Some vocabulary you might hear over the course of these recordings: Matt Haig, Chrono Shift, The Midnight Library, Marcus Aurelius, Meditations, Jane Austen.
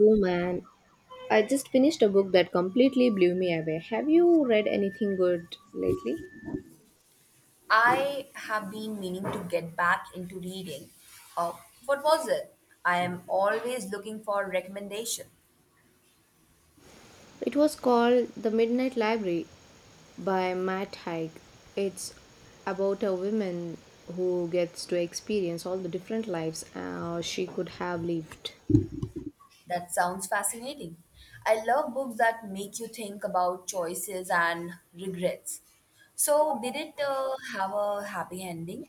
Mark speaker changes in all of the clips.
Speaker 1: Oh man, I just finished a book that completely blew me away. Have you read anything good lately?
Speaker 2: I have been meaning to get back into reading. Uh, what was it? I am always looking for recommendation.
Speaker 1: It was called The Midnight Library by Matt Haig. It's about a woman who gets to experience all the different lives she could have lived.
Speaker 2: That sounds fascinating. I love books that make you think about choices and regrets. So, did it have a happy ending?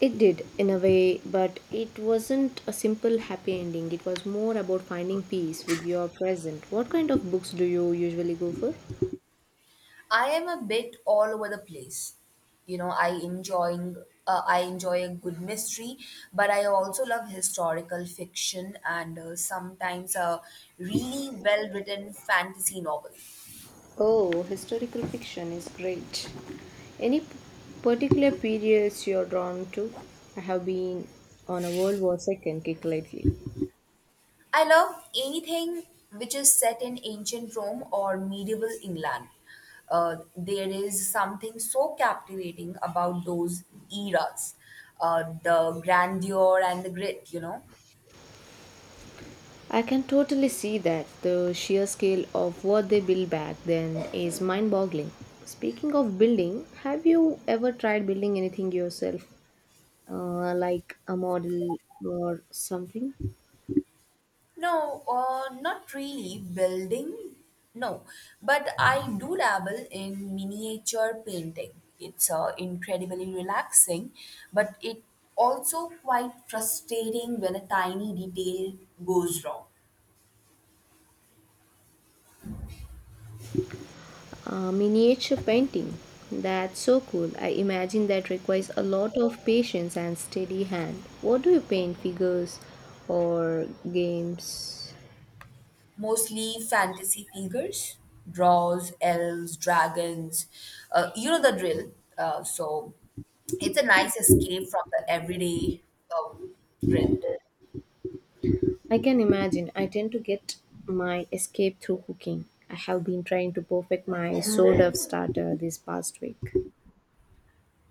Speaker 1: It did, in a way, but it wasn't a simple happy ending. It was more about finding peace with your present. What kind of books do you usually go for?
Speaker 2: I am a bit all over the place. You know, I enjoying I enjoy a good mystery, but I also love historical fiction and sometimes a really well-written fantasy novel.
Speaker 1: Oh, historical fiction is great. Any particular periods you're drawn to? I have been on a World War II kick lately.
Speaker 2: I love anything which is set in ancient Rome or medieval England. There is something so captivating about those eras, the grandeur and the grit.
Speaker 1: I can totally see that. The sheer scale of what they built back then is mind boggling. Speaking of building, have you ever tried building anything yourself? Like a model or something?
Speaker 2: No, not really building. No, but I do dabble in miniature painting. It's incredibly relaxing, but it also quite frustrating when a tiny detail goes wrong.
Speaker 1: Miniature painting. That's so cool. I imagine that requires a lot of patience and steady hand. What do you paint? Figures or games?
Speaker 2: Mostly fantasy figures, draws, elves, dragons. You know the drill. So it's a nice escape from the everyday uh, grind.
Speaker 1: I can imagine. I tend to get my escape through cooking. I have been trying to perfect my sourdough starter this past week.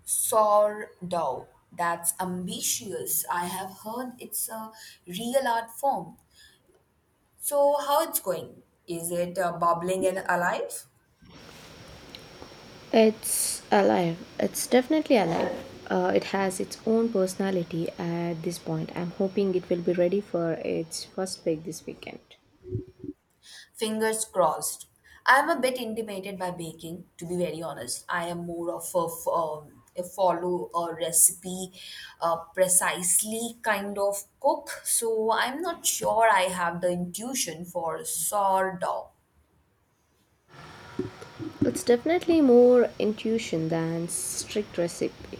Speaker 2: Sourdough. That's ambitious. I have heard it's a real art form. So, how it's going? Is it bubbling and alive?
Speaker 1: It's alive. It's definitely alive. It has its own personality at this point. I'm hoping it will be ready for its first bake this weekend.
Speaker 2: Fingers crossed. I am a bit intimidated by baking, to be very honest. I am more of a, a follow a recipe, precisely kind of cook. So, I'm not sure I have the intuition for sourdough.
Speaker 1: It's definitely more intuition than strict recipe.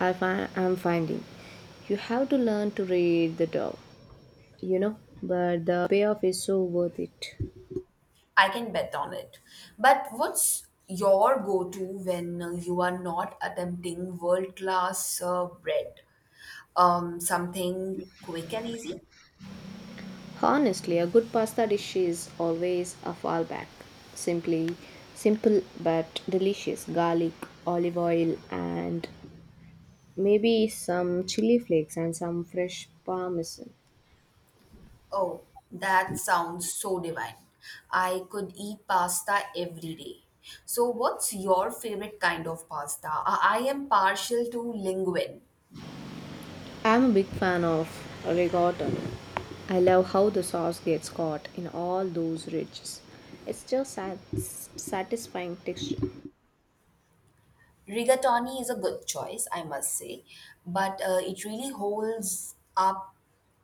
Speaker 1: I'm finding you have to learn to read the dough, you know, but the payoff is so worth it.
Speaker 2: I can bet on it. But what's your go to when you are not attempting world class bread? Something quick and easy?
Speaker 1: Honestly, a good pasta dish is always a fallback. Simply simple but delicious garlic, olive oil, and maybe some chili flakes and some fresh parmesan.
Speaker 2: Oh, that sounds so divine. I could eat pasta every day. So, what's your favorite kind of pasta? I am partial to linguine.
Speaker 1: I'm a big fan of ricotta. I love how the sauce gets caught in all those ridges. It's just satisfying texture.
Speaker 2: Rigatoni is a good choice, I must say, but it really holds up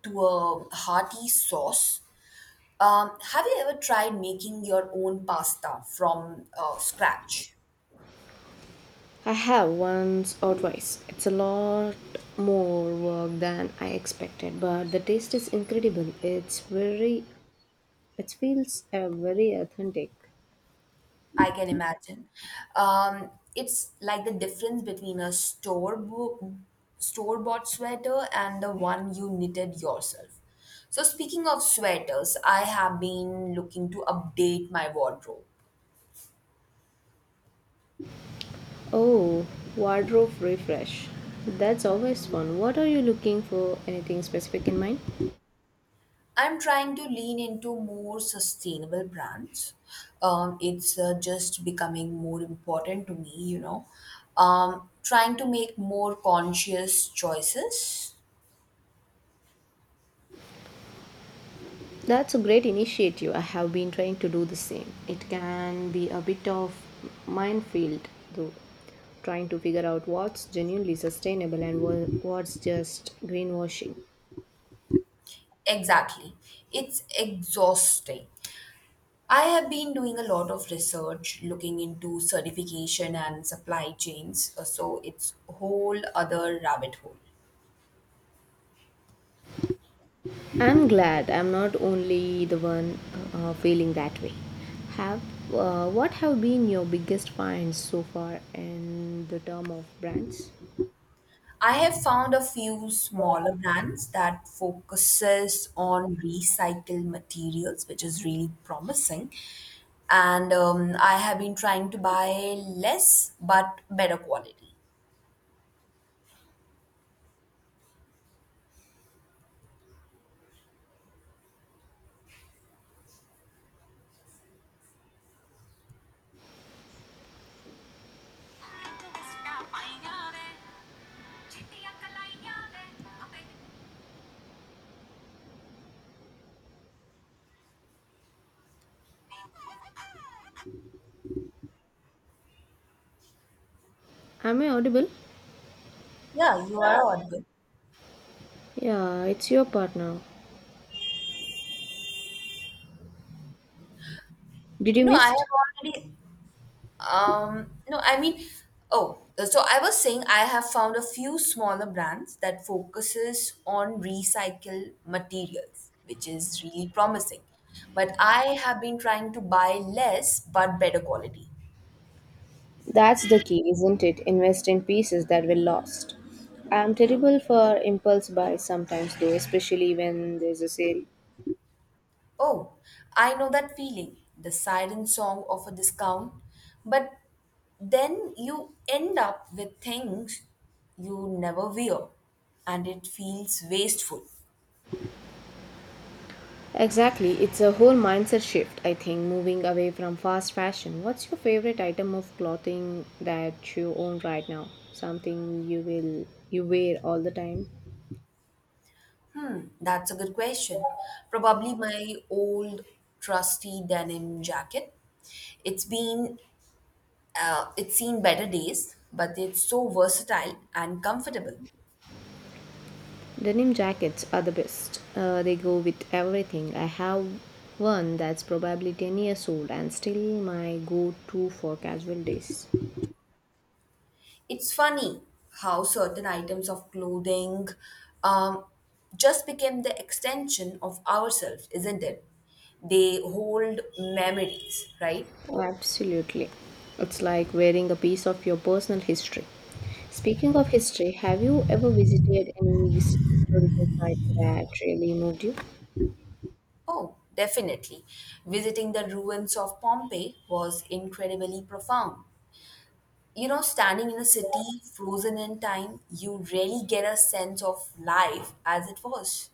Speaker 2: to a hearty sauce. Have you ever tried making your own pasta from scratch?
Speaker 1: I have once or twice. It's a lot more work than I expected, but the taste is incredible. It's very it feels very authentic.
Speaker 2: I can imagine. Um, it's like the difference between a store-bought sweater and the one you knitted yourself. So speaking of sweaters, I have been looking to update my wardrobe.
Speaker 1: Oh, wardrobe refresh. That's always fun. What are you looking for? Anything specific in mind?
Speaker 2: I'm trying to lean into more sustainable brands. It's just becoming more important to me, you know. Trying to make more conscious choices.
Speaker 1: That's a great initiative. I have been trying to do the same. It can be a bit of minefield though, trying to figure out what's genuinely sustainable and what's just greenwashing.
Speaker 2: Exactly. It's exhausting. I have been doing a lot of research looking into certification and supply chains, so it's a whole other rabbit hole.
Speaker 1: I'm glad I'm not only the one feeling that way. Have what have been your biggest finds so far in the term of brands?
Speaker 2: I have found a few smaller brands that focuses on recycled materials, which is really promising. And I have been trying to buy less but better quality.
Speaker 1: Am I audible?
Speaker 2: Yeah, you are audible.
Speaker 1: Yeah, it's your part now. Did you
Speaker 2: No, I
Speaker 1: miss?
Speaker 2: have already. No, I mean, oh, so I was saying I have found a few smaller brands that focuses on recycled materials, which is really promising. But I have been trying to buy less but better quality.
Speaker 1: That's the key, isn't it? Invest in pieces that were lost. I'm terrible for impulse buys sometimes, though, especially when there's a sale.
Speaker 2: Oh, I know that feeling, the siren song of a discount, but then you end up with things you never wear and it feels wasteful.
Speaker 1: Exactly, it's a whole mindset shift, I think, moving away from fast fashion. What's your favorite item of clothing that you own right now? Something you wear all the time?
Speaker 2: That's a good question. Probably my old trusty denim jacket. It's been it's seen better days, but it's so versatile and comfortable.
Speaker 1: Denim jackets are the best. They go with everything. I have one that's probably 10 years old and still my go to for casual days.
Speaker 2: It's funny how certain items of clothing um, just became the extension of ourselves, isn't it? They hold memories, right?
Speaker 1: Absolutely. It's like wearing a piece of your personal history. Speaking of history, have you ever visited any historical sites that really moved you?
Speaker 2: Oh, definitely. Visiting the ruins of Pompeii was incredibly profound. You know, standing in a city frozen in time, you really get a sense of life as it was.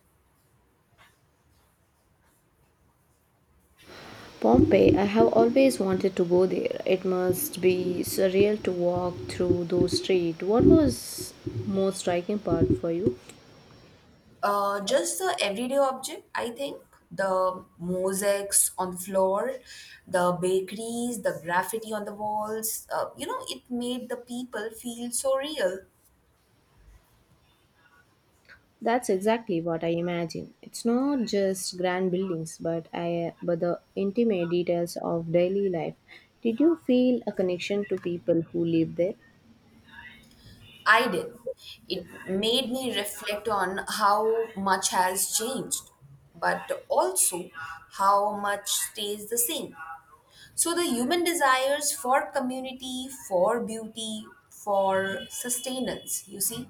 Speaker 1: Pompeii, I have always wanted to go there. It must be surreal to walk through those streets. What was most striking part for you?
Speaker 2: Just the everyday object, I think. The mosaics on the floor, the bakeries, the graffiti on the walls, you know, it made the people feel so real.
Speaker 1: That's exactly what I imagine. It's not just grand buildings, but I but the intimate details of daily life. Did you feel a connection to people who live there?
Speaker 2: I did. It made me reflect on how much has changed, but also how much stays the same. So the human desires for community, for beauty, for sustenance, you see,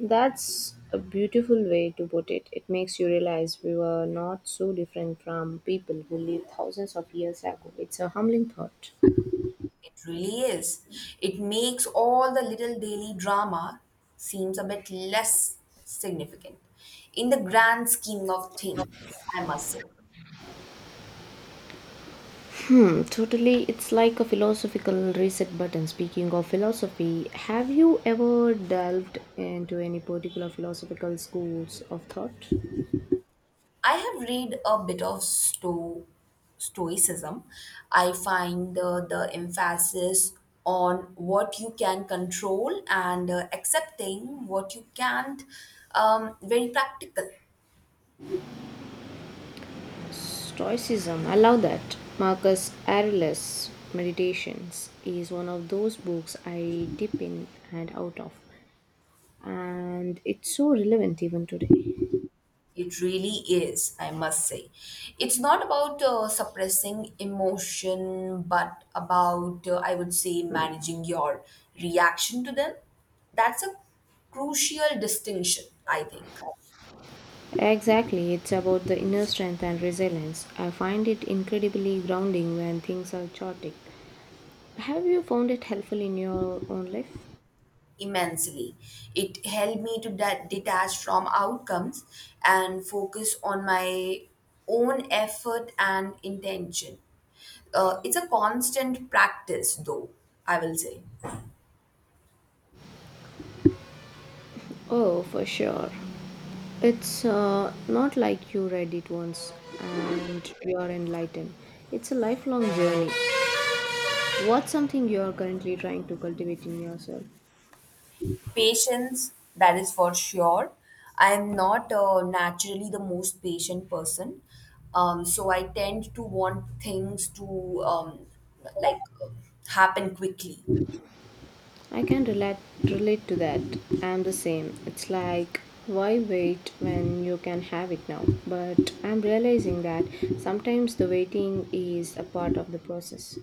Speaker 1: That's a beautiful way to put it. It makes you realize we were not so different from people who lived thousands of years ago. It's a humbling thought.
Speaker 2: it really is. It makes all the little daily drama seems a bit less significant in the grand scheme of things, I must say.
Speaker 1: Hmm, totally. It's like a philosophical reset button. Speaking of philosophy, have you ever delved into any particular philosophical schools of thought?
Speaker 2: I have read a bit of Stoicism. I find the emphasis on what you can control and accepting what you can't, very practical.
Speaker 1: Stoicism, I love that. Marcus Aurelius Meditations is one of those books I dip in and out of, and it's so relevant even today.
Speaker 2: It really is, I must say. It's not about suppressing emotion, but about, I would say, managing your reaction to them. That's a crucial distinction, I think.
Speaker 1: Exactly, it's about the inner strength and resilience. I find it incredibly grounding when things are chaotic. Have you found it helpful in your own life?
Speaker 2: Immensely. It helped me to detach from outcomes and focus on my own effort and intention. It's a constant practice, though, I will say.
Speaker 1: Oh, for sure. It's not like you read it once and you are enlightened. It's a lifelong journey. What's something you are currently trying to cultivate in yourself?
Speaker 2: Patience, that is for sure. I am not naturally the most patient person. So I tend to want things to like uh, happen quickly.
Speaker 1: I can relate to that. I'm the same. It's like why wait when you can have it now? But I'm realizing that sometimes the waiting is a part of the process.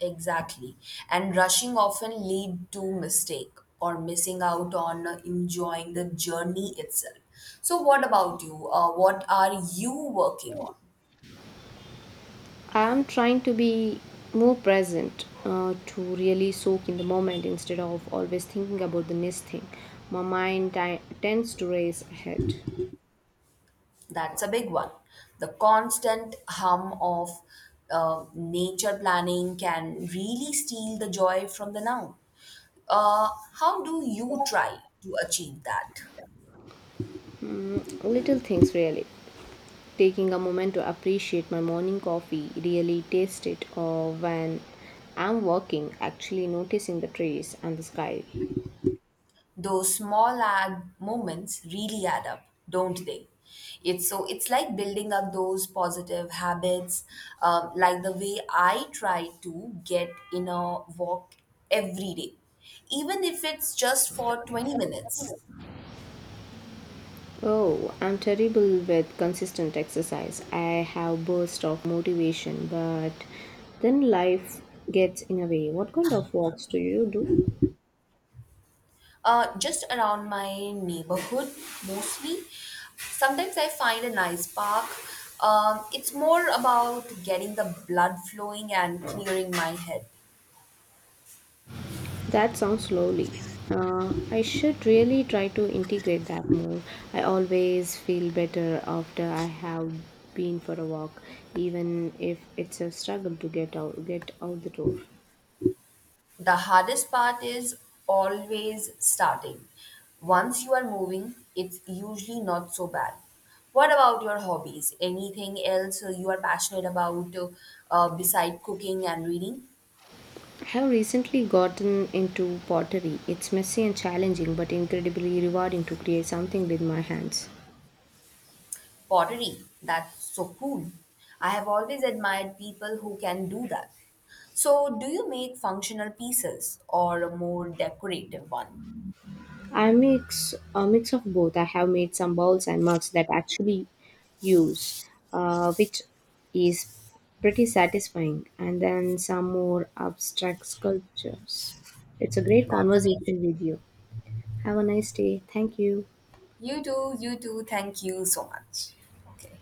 Speaker 2: Exactly. And rushing often lead to mistake or missing out on enjoying the journey itself. So what about you? What are you working on?
Speaker 1: I'm trying to be more present to really soak in the moment instead of always thinking about the next thing. My mind tends to race ahead.
Speaker 2: That's a big one. The constant hum of nature planning can really steal the joy from the now. How do you try to achieve that?
Speaker 1: Little things really. Taking a moment to appreciate my morning coffee, really taste it or when I'm working, actually noticing the trees and the sky.
Speaker 2: Those small ag moments really add up, don't they? It's so it's like building up those positive habits, like the way I try to get in a walk every day, even if it's just for 20 minutes.
Speaker 1: Oh, I'm terrible with consistent exercise. I have bursts of motivation, but then life gets in a way. What kind of walks do you do?
Speaker 2: Just around my neighborhood mostly. Sometimes I find a nice park. It's more about getting the blood flowing and clearing my head.
Speaker 1: That sounds lovely. I should really try to integrate that more. I always feel better after I have been for a walk, even if it's a struggle to get out the door.
Speaker 2: The hardest part is always starting. Once you are moving, it's usually not so bad. What about your hobbies? Anything else you are passionate about, beside cooking and reading?
Speaker 1: I have recently gotten into pottery. It's messy and challenging, but incredibly rewarding to create something with my hands.
Speaker 2: Pottery, that's so cool. I have always admired people who can do that. So, do you make functional pieces or a more decorative one?
Speaker 1: I mix of both. I have made some bowls and mugs that actually use, which is pretty satisfying, and then some more abstract sculptures. It's a great
Speaker 2: That's amazing.
Speaker 1: conversation with you. Have a nice day. Thank you.
Speaker 2: You do, you do. Thank you so much. Okay.